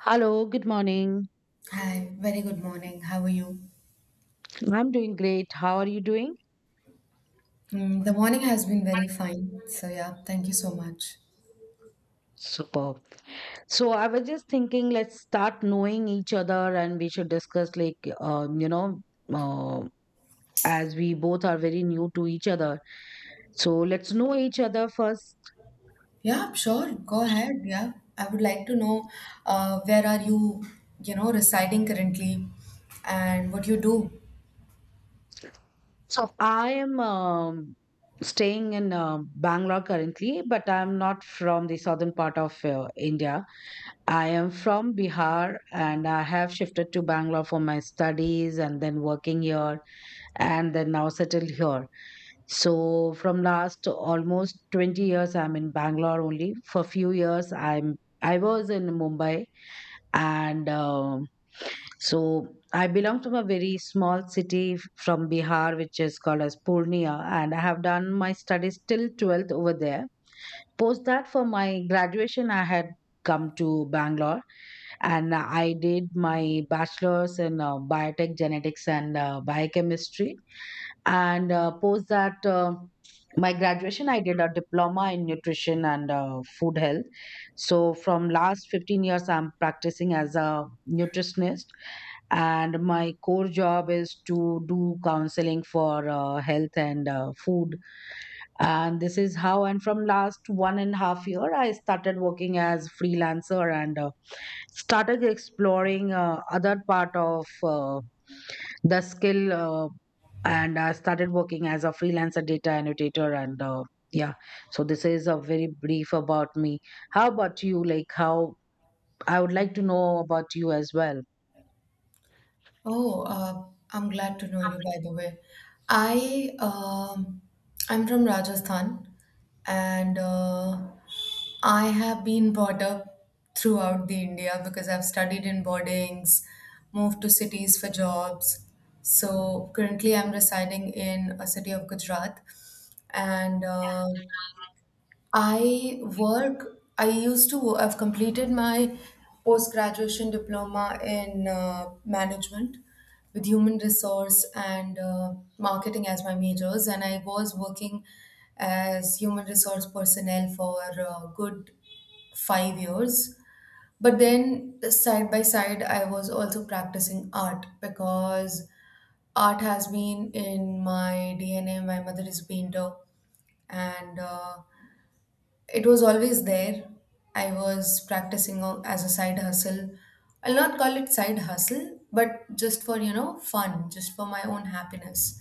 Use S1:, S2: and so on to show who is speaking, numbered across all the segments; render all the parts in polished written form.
S1: Hello, good morning.
S2: Hi, very good morning. How are you?
S1: I'm doing great. How are you doing?
S2: Mm, the morning has been very fine. So, yeah, thank you so much.
S1: Superb. So I was just thinking, let's start knowing each other, and we should discuss uh, as we both are very new to each other. So let's know each other first.
S2: Yeah, sure. Go ahead. Yeah, I would like to know where are you, residing currently and what you do?
S1: So I am staying in Bangalore currently, but I'm not from the southern part of India. I am from Bihar, and I have shifted to Bangalore for my studies and then working here and then now settled here. So from last almost 20 years, I'm in Bangalore only. For few years, I was in Mumbai, and so I belong from a very small city from Bihar, which is called as Purnia, and I have done my studies till 12th over there. Post that, for my graduation, I had come to Bangalore and I did my bachelor's in biotech genetics and biochemistry and post that my graduation. I did a diploma in nutrition and food health. So from last 15 years, I'm practicing as a nutritionist, and my core job is to do counseling for health and food. And this is how, and from last 1.5 year, I started working as freelancer, and started exploring other part of the skill and I started working as a freelancer data annotator, and yeah so this is a very brief about me. How about you? Like, how, I would like to know about you as well.
S2: Oh, uh, I'm glad to know you, by the way. I um, I'm from Rajasthan, and I have been brought up throughout the India because I've studied in boardings, moved to cities for jobs. So currently, I'm residing in a city of Gujarat, and I work, I've completed my post graduation diploma in management with human resource and marketing as my majors. And I was working as human resource personnel for a good 5 years. But then, side by side, I was also practicing art because art has been in my DNA. My mother is a painter, and it was always there. I was practicing as a side hustle. I'll not call it side hustle, but just for, you know, fun, just for my own happiness.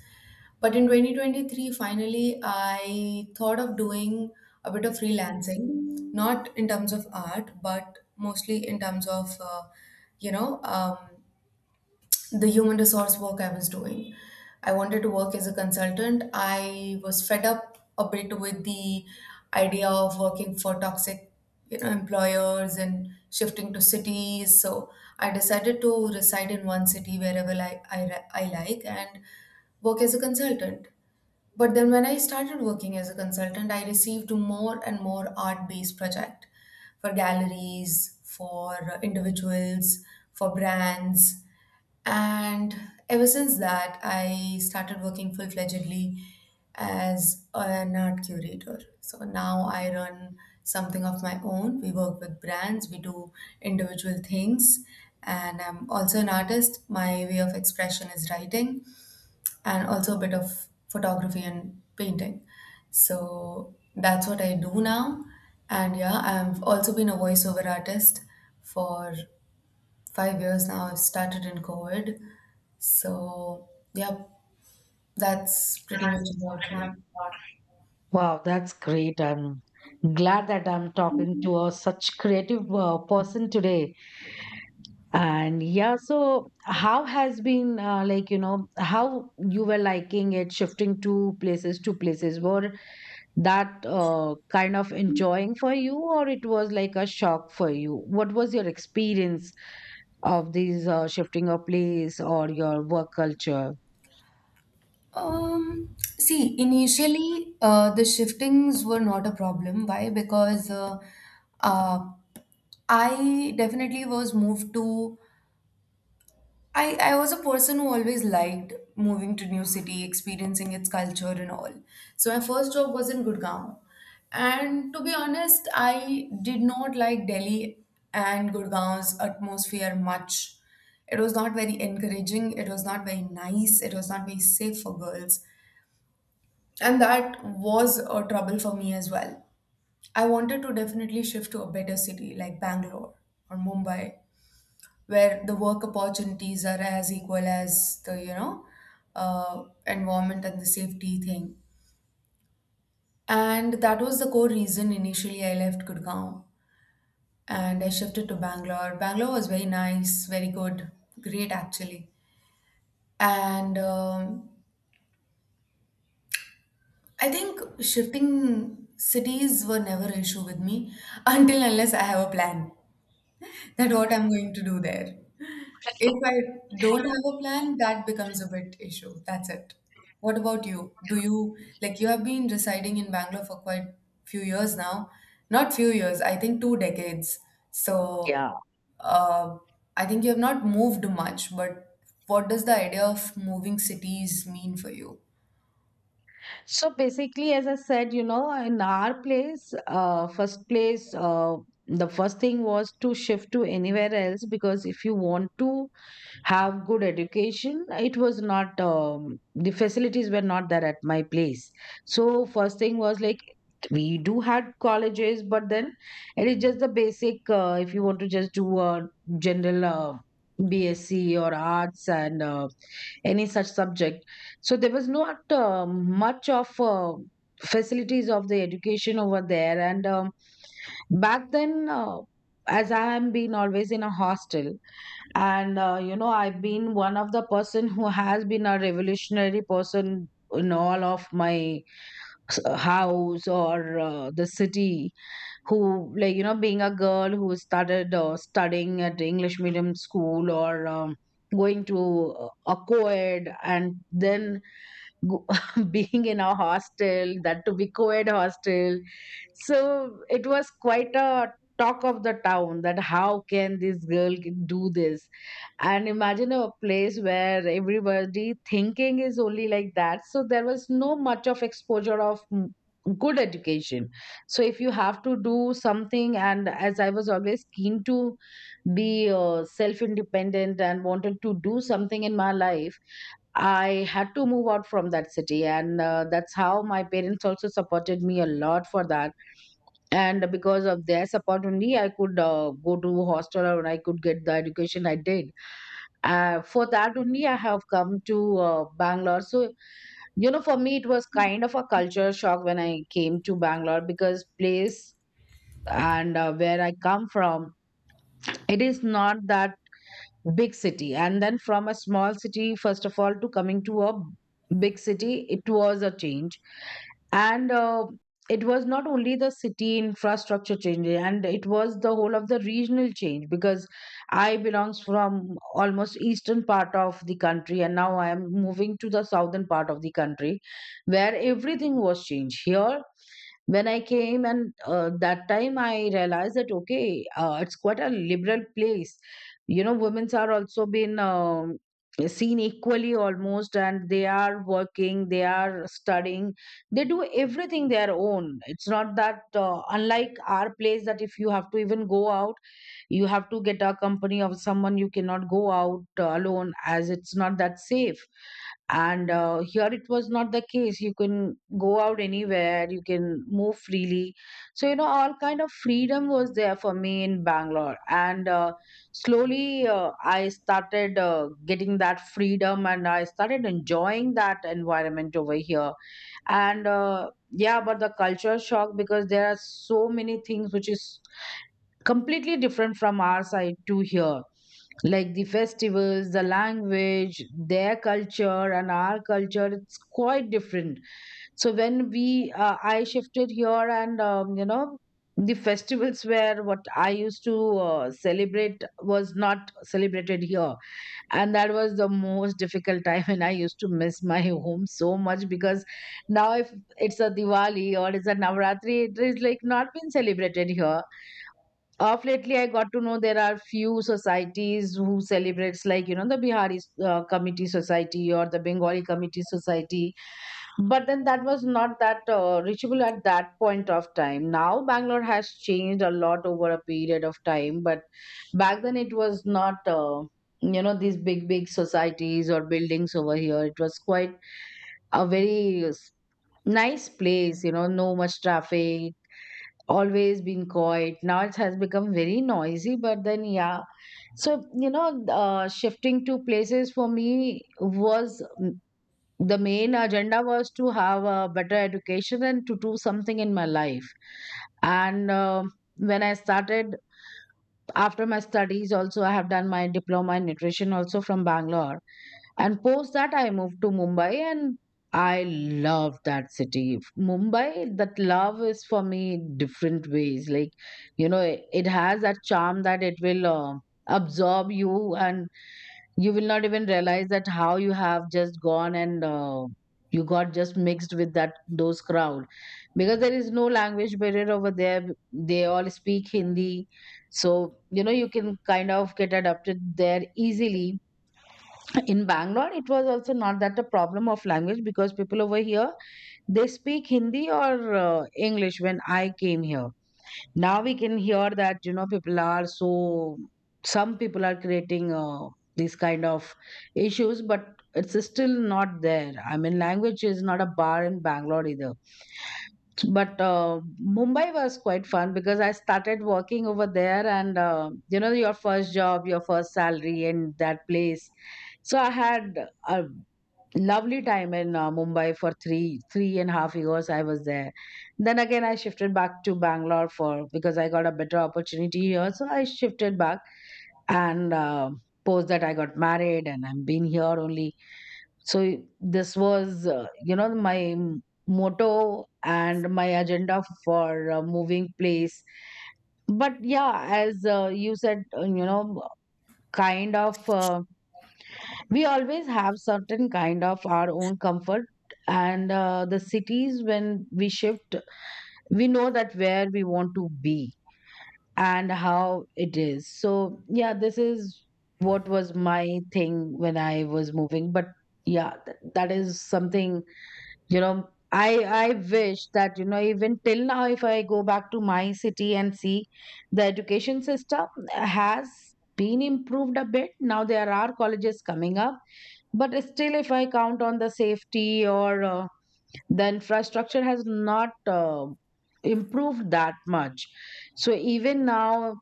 S2: But in 2023, finally, I thought of doing a bit of freelancing, not in terms of art, but mostly in terms of, you know, um, the human resource work I was doing. I wanted to work as a consultant. I was fed up a bit with the idea of working for toxic, you know, employers and shifting to cities. So I decided to reside in one city wherever I like and work as a consultant. But then when I started working as a consultant, I received more and more art-based project for galleries, for individuals, for brands and ever since that, I started working full fledgedly as an art curator. So now I run something of my own. We work with brands, we do individual things, and I'm also an artist. My way of expression is writing and also a bit of photography and painting. So that's what I do now. And yeah, I've also been a voiceover artist for 5 years now. I started in COVID. So, yeah, that's pretty much about me.
S1: Wow, that's great. I'm glad that I'm talking to a such creative person today. And yeah, so how has been like, you know, how you were liking it, shifting to places to places? Were that kind of enjoying for you, or it was like a shock for you? What was your experience of these shifting your place or your work culture?
S2: See, initially, the shiftings were not a problem. Why? Because uh, I definitely was moved to I was a person who always liked moving to new city, experiencing its culture and all. So my first job was in Gurgaon. And to be honest, I did not like Delhi and Gurgaon's atmosphere much. It was not very encouraging, it was not very nice, it was not very safe for girls. And that was a trouble for me as well. I wanted to definitely shift to a better city like Bangalore or Mumbai where the work opportunities are as equal as the environment and the safety thing, and that was the core reason initially I left Gurgaon, and I shifted to Bangalore. Bangalore was very nice, very good, great actually. And I think shifting cities were never an issue with me until unless I have a plan that what I'm going to do there. If I don't have a plan, that becomes a bit issue. That's it. What about you? Do you like you have been residing in Bangalore for quite few years now? Not few years, I think two decades. So
S1: Yeah,
S2: uh, I think you have not moved much, but what does the idea of moving cities mean for you?
S1: so basically, as I said, you know, in our place, first place the first thing was to shift to anywhere else, because if you want to have good education, it was not, the facilities were not there at my place. So first thing was like, we do had colleges, but then it is just the basic. If you want to just do a general BSc or arts and any such subject, so there was not much of facilities of the education over there. And back then as I am been always in a hostel, and you know, I've been one of the person who has been a revolutionary person in all of my house or the city, who, like, you know, being a girl who started studying at English medium school or going to a co-ed, and then go- being in a hostel, that to be co-ed hostel. So it was quite a talk of the town that how can this girl do this? And imagine a place where everybody thinking is only like that. So there was no much of exposure of good education. So if you have to do something, and as I was always keen to be self independent and wanted to do something in my life, I had to move out from that city, and that's how my parents also supported me a lot for that. And because of their support only, I could go to hostel, or I could get the education I did. For that only, I have come to Bangalore. So you know, for me, it was kind of a culture shock when I came to Bangalore, because place and where I come from, it is not that big city, and then from a small city, first of all, to coming to a big city, it was a change. And it was not only the city infrastructure change, and it was the whole of the regional change, because I belongs from almost eastern part of the country, and now I am moving to the southern part of the country, where everything was changed here when I came. And that time I realized that, okay, it's quite a liberal place. You know, women's are also been seen equally almost, and they are working, they are studying, they do everything their own. It's not that, unlike our place, that if you have to even go out, you have to get a company of someone, you cannot go out alone, as it's not that safe. And here it was not the case. You can go out anywhere, you can move freely. So you know, all kind of freedom was there for me in Bangalore. And Slowly, I started getting that freedom, and I started enjoying that environment over here. And yeah, about the culture shock, because there are so many things which is completely different from our side to here, like the festivals, the language, their culture and our culture, it's quite different. So when we I shifted here, and you know, the festivals where what I used to celebrate was not celebrated here. And that was the most difficult time, and I used to miss my home so much, because now, if it's a Diwali or it's a Navratri, it is like not been celebrated here. Of lately, I got to know there are few societies who celebrates, like, you know, the Bihari committee society or the Bengali committee society. But then, that was not that reachable at that point of time. Now Bangalore has changed a lot over a period of time, but back then, it was not, you know, these big, big societies or buildings over here. It was quite a nice place, you know, no much traffic, always been quiet. Now it has become very noisy, but then, yeah. So, you know, shifting to places for me was, the main agenda was to have a better education and to do something in my life. And when I started, after my studies also, I have done my diploma in nutrition also from Bangalore. And post that, I moved to Mumbai, and I love that city, Mumbai. That love is for me different ways, like, you know, it has that charm that it will absorb you, and you will not even realize that how you have just gone, and you got just mixed with that those crowd, because there is no language barrier over there, they all speak Hindi. So, you know, you can kind of get adapted there easily. In Bangalore, it was also not that a problem of language, because people over here, they speak Hindi or uh, English when I came here. Now we can hear that, you know, people are so, some people are creating these kind of issues, but it's still not there. I mean, language is not a bar in Bangalore either. But Mumbai was quite fun, because I started working over there, and you know, your first job, your first salary in that place. So I had a lovely time in Mumbai for 3.5 years. I was there. Then again, I shifted back to Bangalore for, because I got a better opportunity here. So I shifted back, and post that I got married, and I'm been here only. So this was, you know, my motto and my agenda for moving place. But yeah, as you said, you know, kind of. We always have certain kind of our own comfort, and the cities when we shift, we know that where we want to be and how it is. So yeah, this is what was my thing when I was moving. But yeah, that is something, you know, I wish that, you know, even till now, if I go back to my city and see, the education system has been improved a bit, now there are colleges coming up. But still, if I count on the safety or the infrastructure, has not improved that much. So even now,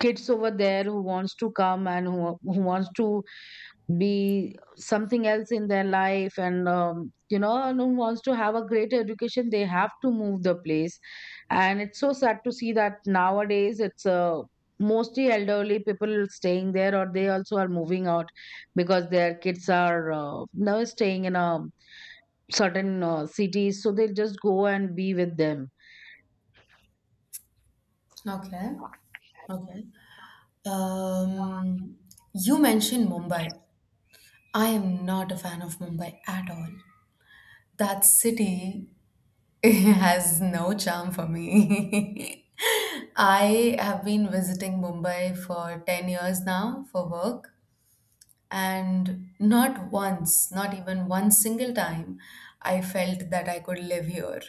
S1: kids over there who wants to come, and who wants to be something else in their life, and you know, and who wants to have a great education, they have to move the place. And it's so sad to see that nowadays, it's mostly elderly people staying there, or they also are moving out, because their kids are now staying in a certain cities, so they just go and be with them.
S2: Okay. Okay. Um, you mentioned Mumbai. I am not a fan of Mumbai at all. That city has no charm for me. I have been visiting Mumbai for 10 years now for work, and not once, not even one single time, I felt that I could live here.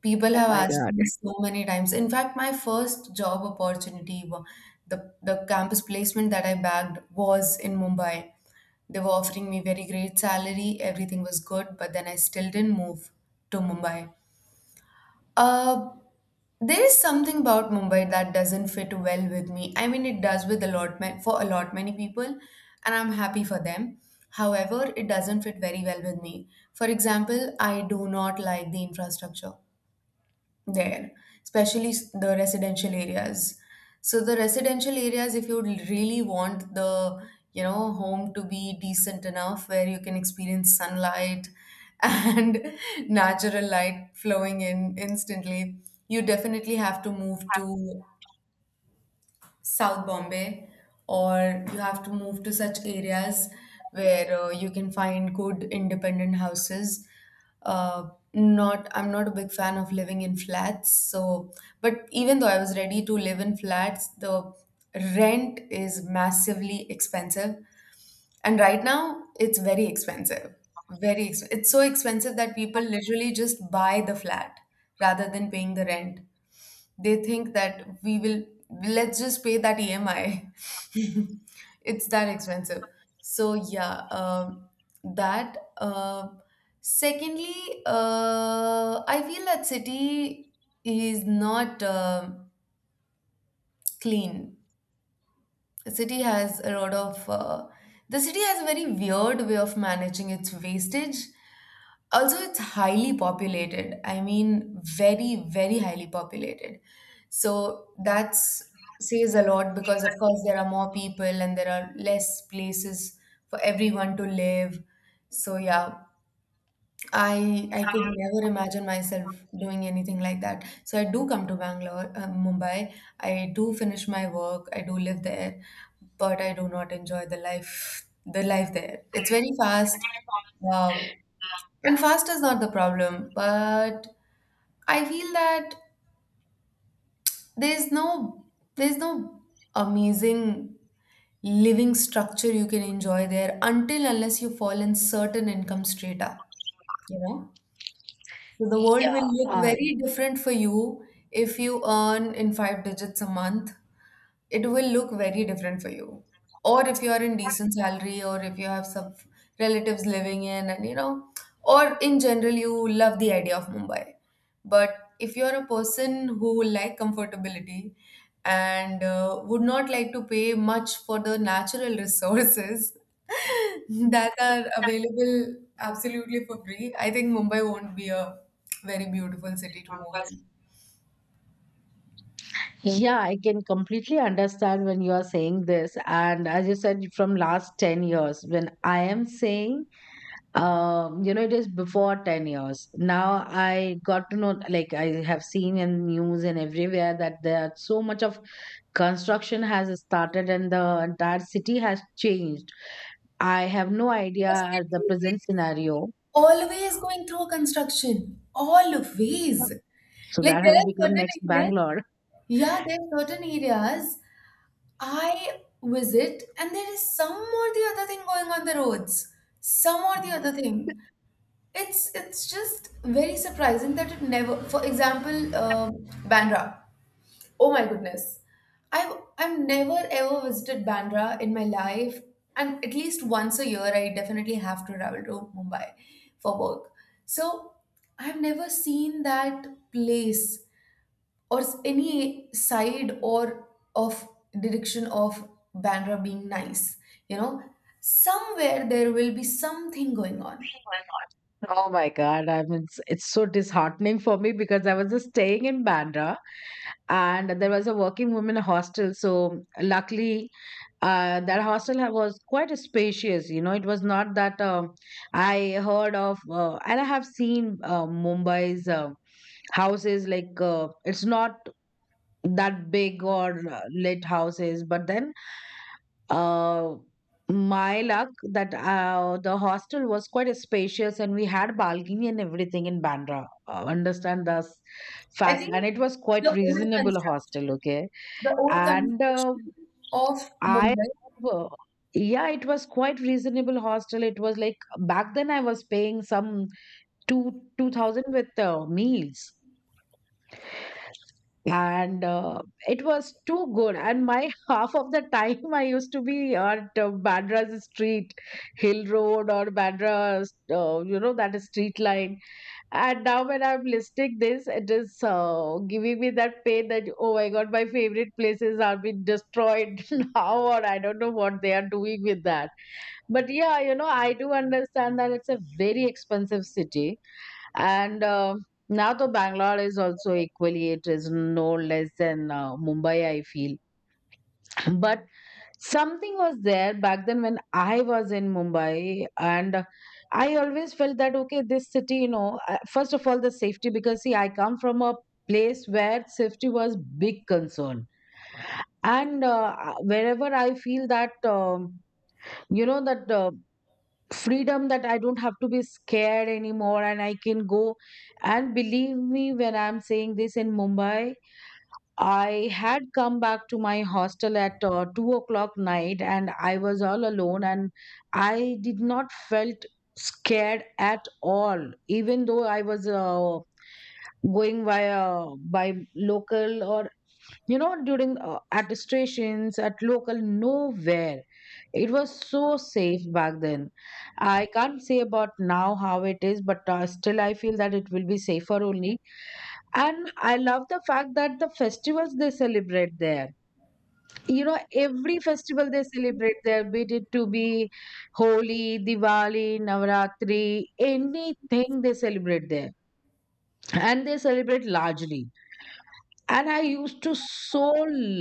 S2: People
S1: Oh
S2: have
S1: my
S2: asked
S1: God.
S2: me so many times. In fact, my first job opportunity, the campus placement that I bagged was in Mumbai. They were offering me very great salary, everything was good, but then I still didn't move to Mumbai. Uh, there is something about Mumbai that doesn't fit well with me. I mean, it does with for a lot many people, and I'm happy for them. However, it doesn't fit very well with me. For example, I do not like the infrastructure there, especially the residential areas. So the residential areas, if you really want the, you know, home to be decent enough where you can experience sunlight and natural light flowing in instantly, you definitely have to move to South Bombay, or you have to move to such areas where you can find good independent houses. Not, I'm not a big fan of living in flats. So, but even though I was ready to live in flats, the rent is massively expensive and right now, it's very expensive. It's so expensive that people literally just buy the flat rather than paying the rent. They think that we will let's just pay that EMI. It's that expensive. So yeah, that. Secondly, I feel that city is not clean. The city has a lot of uh, the city has a very weird way of managing its wastage. Also, it's highly populated. I mean, very, very highly populated. So that's says a lot because, of course, there are more people and there are less places for everyone to live. So yeah, I could never imagine myself doing anything like that. So I do come to Mumbai. I do finish my work. I do live there, but I do not enjoy the life there. It's very fast, uh, and fast is not the problem. But I feel that there's no there's no amazing living structure you can enjoy there until unless you fall in certain income strata. You know. So the world
S1: Yeah.
S2: will look very different for you if you earn in five digits a month it will look very different for you. Or if you are in decent salary, or if you have some relatives living in, and you know, or in general, you love the idea of Mumbai. But if you're a person who will like comfortability and would not like to pay much for the natural resources that are available absolutely for free, I think Mumbai won't be a very beautiful city to move in.
S1: Yeah, I can completely understand when you are saying this. And as you said, from last 10 years, when I am saying, it is before 10 years. Now I got to know, like I have seen in news and everywhere that there are so much of construction has started and the entire city has changed. I have no idea
S2: The
S1: at the
S2: city
S1: present scenario.
S2: always going through a construction. Always.
S1: So
S2: Like
S1: that
S2: there
S1: has
S2: are
S1: become
S2: certain
S1: next
S2: areas.
S1: Bangalore.
S2: Yeah, there are certain areas I visit and there is some or the other thing going on the roads. Some or the other thing. It's just very surprising that it never. For example, Bandra. Oh my goodness. I've never ever visited Bandra in my life, and at least once a year I definitely have to travel to Mumbai for work. So I've never seen that place or any side or of direction of Bandra being nice. You know, somewhere there will be something going on.
S1: Oh my God, I mean, it's so disheartening for me because I was just staying in Bandra and there was a working women hostel. So, luckily, that hostel was quite spacious. You know, it was not that I heard of, and I have seen Mumbai's houses like it's not that big or lit houses but then uh my luck that the hostel was quite spacious and we had balcony and everything in Bandra, understand this
S2: I
S1: fact,
S2: think
S1: and it was quite
S2: the old
S1: reasonable hostel.
S2: construction,
S1: Okay.
S2: the old
S1: and
S2: construction of
S1: I
S2: Mumbai.
S1: uh, yeah, it was quite reasonable hostel. It was like back then I was paying some two two thousand with meals, and it was too good. And my half of the time I used to be at Bandra's street, Hill Road, or Bandra's, you know, that is street line. And now when I'm listing this, it is giving me that pain that, oh my God, my favorite places are being destroyed now, or I don't know what they are doing with that. But yeah, you know, I do understand that it's a very expensive city. And now the Bangalore is also equally, it is no less than Mumbai, I feel. But something was there back then when I was in Mumbai, and I always felt that, okay, this city, you know, first of all, the safety, because see, I come from a place where safety was big concern. And wherever I feel that, you know, that freedom that I don't have to be scared anymore and I can go. And believe me, when I'm saying this in Mumbai, I had come back to my hostel at 2 o'clock night, and I was all alone, and I did not felt scared at all, even though I was, going via by local, or you know, during, at stations, at local, nowhere. It was so safe back then. I can't say about now how it is, but still I feel that it will be safer only. And I love the fact that the festivals they celebrate there, you know, every festival they celebrate there, be it to be Holi, Diwali, Navratri, anything, they celebrate there, and they celebrate largely. And I used to so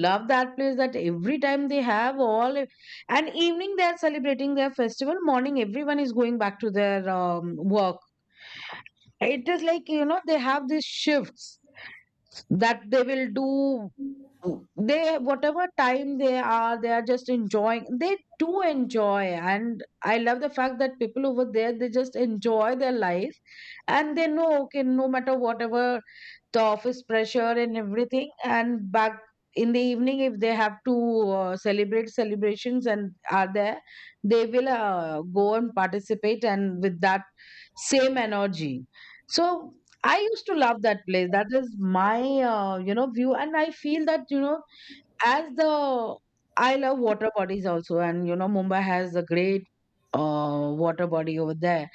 S1: love that place that every time they have all, and evening they're celebrating their festival, morning everyone is going back to their work. It is like, you know, they have these shifts that they will do. They, whatever time they are, they are just enjoying. They do enjoy. And I love the fact that people over there, they just enjoy their life. And they know, okay, no matter whatever the office pressure and everything, and back in the evening, if they have to celebrate, celebrations and are there, they will go and participate, and with that same energy. So I used to love that place. That is my, you know, view, and I feel that, you know, as the I love water bodies also, and you know, Mumbai has a great water body over there.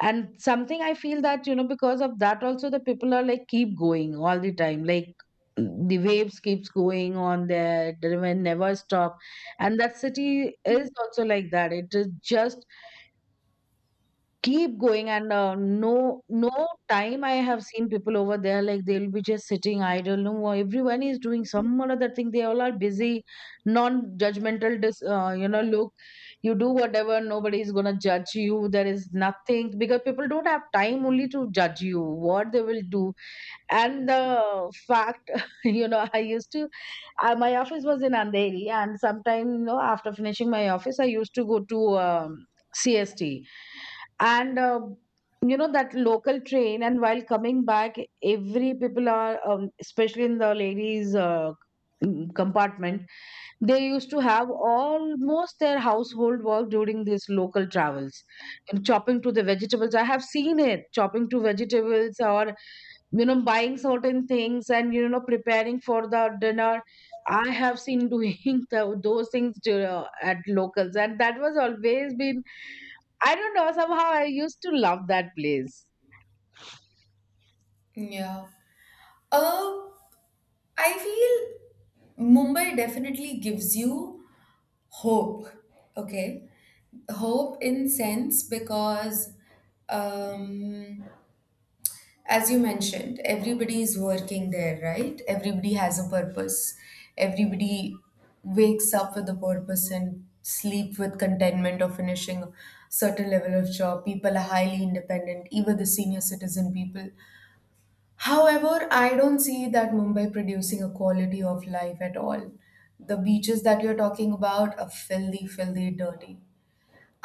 S1: And something I feel that, you know, because of that also, the people are like keep going all the time. Like the waves keeps going on there, the river never stop. And that city is also like that. It is just keep going, and no time I have seen people over there. Like, they'll be just sitting idle, no more. Everyone is doing some or other thing, they all are busy, non-judgmental. You know, look, you do whatever, nobody is gonna judge you, there is nothing, because people don't have time only to judge you, what they will do. And the fact, you know, I used to, my office was in Andheri, and sometime, you know, after finishing my office, I used to go to CST, and you know, that local train. And while coming back, every people are, especially in the ladies, compartment, they used to have almost their household work during these local travels, and chopping to the vegetables. I have seen it, chopping to vegetables, or you know, buying certain things, and you know, preparing for the dinner. I have seen doing those things to, at locals, and that was always been, I don't know, somehow I used to love that place.
S2: Yeah. Uh, I feel Mumbai definitely gives you hope. Okay, hope in sense because, um, as you mentioned, everybody is working there, right? Everybody has a purpose. Everybody wakes up with a purpose and sleep with contentment of finishing a certain level of job. People are highly independent, even the senior citizen people. However, I don't see that Mumbai producing a quality of life at all. The beaches that you're talking about are filthy, filthy, dirty.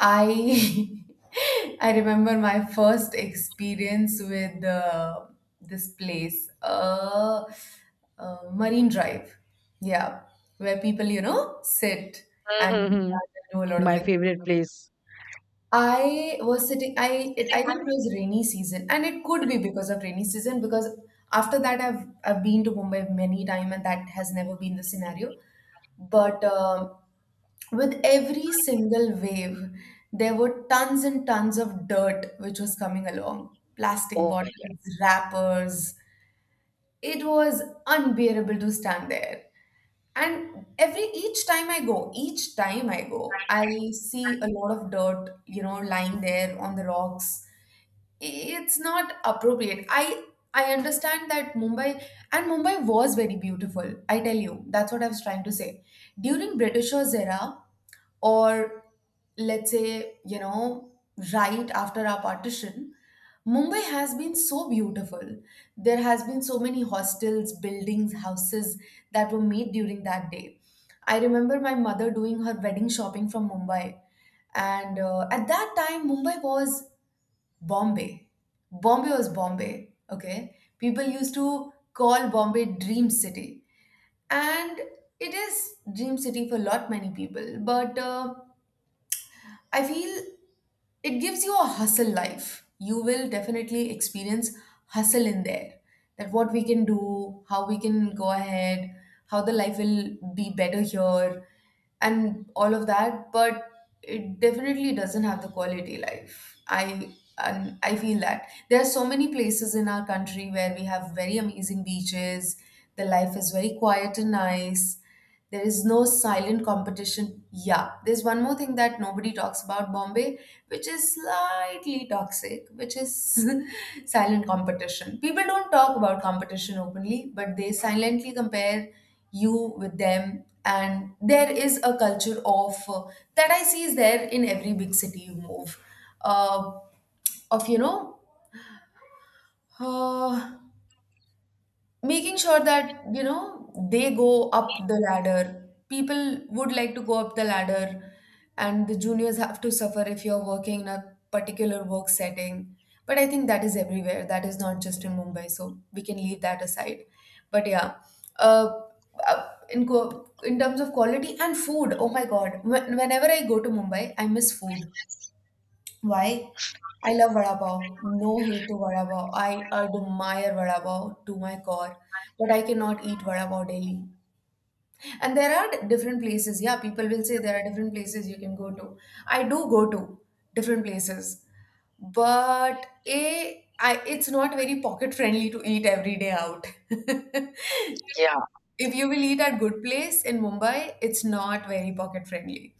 S2: I I remember my first experience with this place, uh, Marine Drive. Yeah, where people, you know, sit and
S1: Mm-hmm.
S2: do a lot of
S1: My
S2: things.
S1: favorite place.
S2: I was sitting. I think it was rainy season, and it could be because of rainy season. Because after that, I've been to Mumbai many time, and that has never been the scenario. But with every single wave, there were tons and tons of dirt which was coming along, plastic
S1: Oh my God.
S2: bottles, wrappers. It was unbearable to stand there. And every each time I go, I see a lot of dirt, you know, lying there on the rocks. It's not appropriate. I understand that Mumbai was very beautiful. I tell you, that's what I was trying to say. During Britishers era, or let's say, you know, right after our partition, Mumbai has been so beautiful. There has been so many hostels, buildings, houses that were made during that day. I remember my mother doing her wedding shopping from Mumbai. And at that time, Mumbai was Bombay. Bombay was Bombay, okay? People used to call Bombay Dream City. And it is Dream City for lot many people. But I feel it gives you a hustle life. You will definitely experience hustle in there. That what we can do, how we can go ahead, how the life will be better here, and all of that. But it definitely doesn't have the quality life. I feel that. There are so many places in our country where we have very amazing beaches. The life is very quiet and nice. There is no silent competition. Yeah, there's one more thing that nobody talks about Bombay, which is slightly toxic, which is silent competition. People don't talk about competition openly, but they silently compare you with them. And there is a culture of that I see is there in every big city you move, uh, of, you know, uh, making sure that, you know, they go up the ladder, people would like to go up the ladder, and the juniors have to suffer if you're working in a particular work setting. But I think that is everywhere, that is not just in Mumbai, so we can leave that aside. But yeah, uh, in terms of quality and food, oh my god. Whenever I go to Mumbai, I miss food. Why? I love vada pav. No hate to vada pav. I admire vada pav to my core, but I cannot eat vada pav daily. And there are different places. Yeah, people will say there are different places you can go to. I do go to different places, but a I it's not very pocket friendly to eat every day out. If
S1: Yeah.
S2: you will eat at good place in Mumbai, it's not very pocket friendly.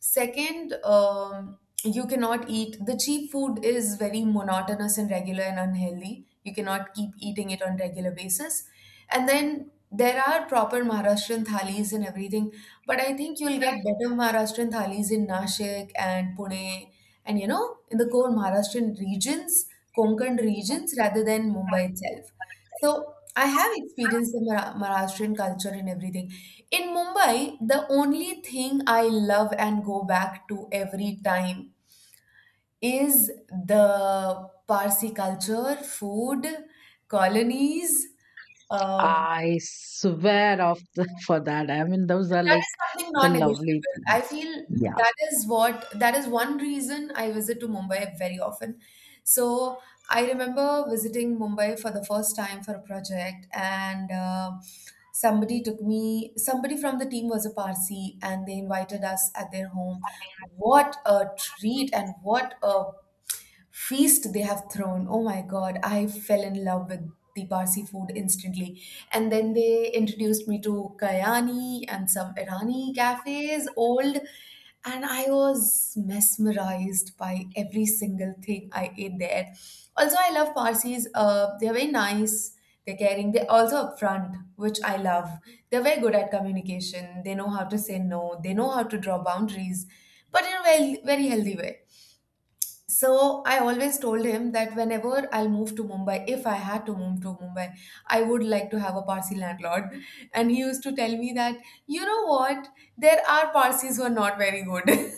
S2: Second, you cannot eat the cheap food, is very monotonous and regular and unhealthy, you cannot keep eating it on regular basis. And then there are proper Maharashtrian thalis and everything, but I think you'll get better Maharashtrian thalis in Nashik and Pune, and, you know, in the core Maharashtrian regions, Konkan regions, rather than Mumbai itself. So I have experienced the Maharashtrian culture and everything. In Mumbai, the only thing I love and go back to every time is the Parsi culture, food, colonies, uh,
S1: I swear off the, for that. I mean, those are
S2: That
S1: like
S2: is something
S1: the lovely
S2: non-negotiable. I
S1: things.
S2: feel
S1: Yeah.
S2: that is what, that is one reason I visit to Mumbai very often. So I remember visiting Mumbai for the first time for a project, and somebody took me. Somebody from the team was a Parsi, and they invited us at their home. What a treat and what a feast they have thrown. Oh my God, I fell in love with the Parsi food instantly. And then they introduced me to Kayani and some Irani cafes, old, and I was mesmerized by every single thing I ate there. Also, I love Parsis. They're very nice. They're caring. They're also upfront, which I love. They're very good at communication. They know how to say no. They know how to draw boundaries, but in a very, very healthy way. So I always told him that whenever I'll move to Mumbai, if I had to move to Mumbai, I would like to have a Parsi landlord. And he used to tell me that, you know what, there are Parsis who are not very good.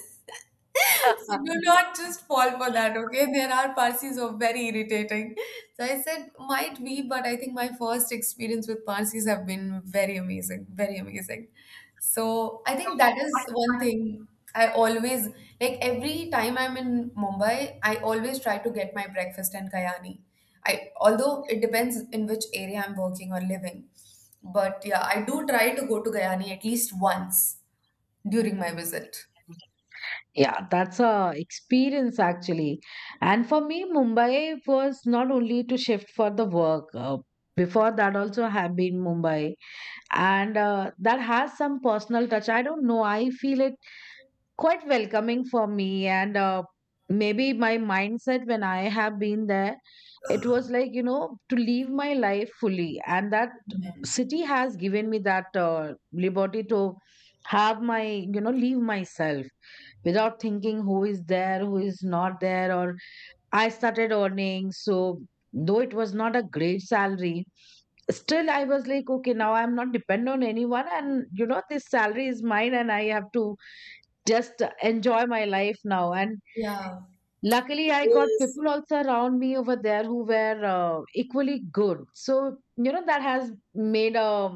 S2: So do not just fall for that, okay? There are Parsis who are very irritating. So I said, might be, but I think my first experience with Parsis have been very amazing, very amazing. So I think that is one thing. I always, like, every time I'm in Mumbai, I always try to get my breakfast in Kayani. I although it depends in which area I'm working or living. But yeah, I do try to go to Kayani at least once during my visit.
S1: Yeah, that's a experience actually. And for me, Mumbai was not only to shift for the work. Before that, also have been Mumbai, and that has some personal touch. I don't know, I feel it quite welcoming for me. And maybe my mindset, when I have been there, it was like, you know, to live my life fully, and that city has given me that liberty to have my, you know, leave myself without thinking who is there, who is not there. Or I started earning, so though it was not a great salary, still I was like, okay, now I'm not dependent on anyone, and you know, this salary is mine, and I have to just enjoy my life now. And
S2: Yeah.
S1: luckily, I got
S2: Yes.
S1: people also around me over there who were equally good. So, you know, that has made a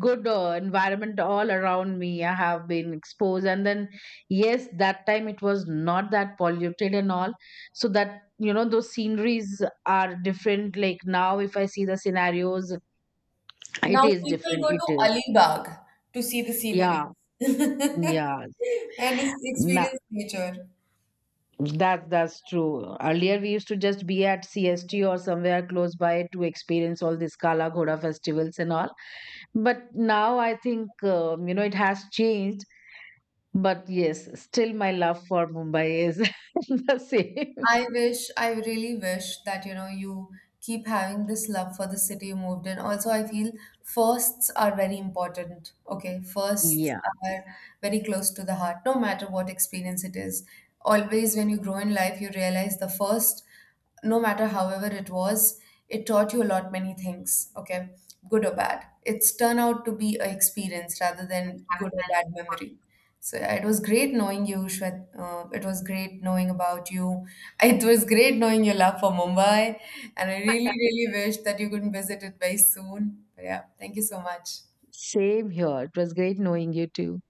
S1: good environment all around me. I have been exposed. And then, yes, that time it was not that polluted and all. So that, you know, those sceneries are different. Like now, if I see the scenarios, it
S2: Now
S1: is
S2: people
S1: different.
S2: go
S1: It
S2: to
S1: is.
S2: Alibag to see the scenery
S1: Yeah.
S2: and
S1: Yeah.
S2: experience nature.
S1: That's true. Earlier, we used to just be at CST or somewhere close by to experience all these Kala Ghoda festivals and all. But now I think, you know, it has changed. But yes, still my love for Mumbai is the same.
S2: I wish, I really wish that, you know, you keep having this love for the city you moved in. Also, I feel firsts are very important. Okay, firsts
S1: Yeah,
S2: are very close to the heart, no matter what experience it is. Always, when you grow in life, you realize the first, no matter however it was, it taught you a lot many things, okay? Good or bad, it's turned out to be a experience rather than good or bad memory. So yeah, it was great knowing you, Shwet. It was great knowing about you. It was great knowing your love for Mumbai, and I really really wish that you could visit it very soon. But yeah, thank you so much.
S1: same here. It was great knowing you too.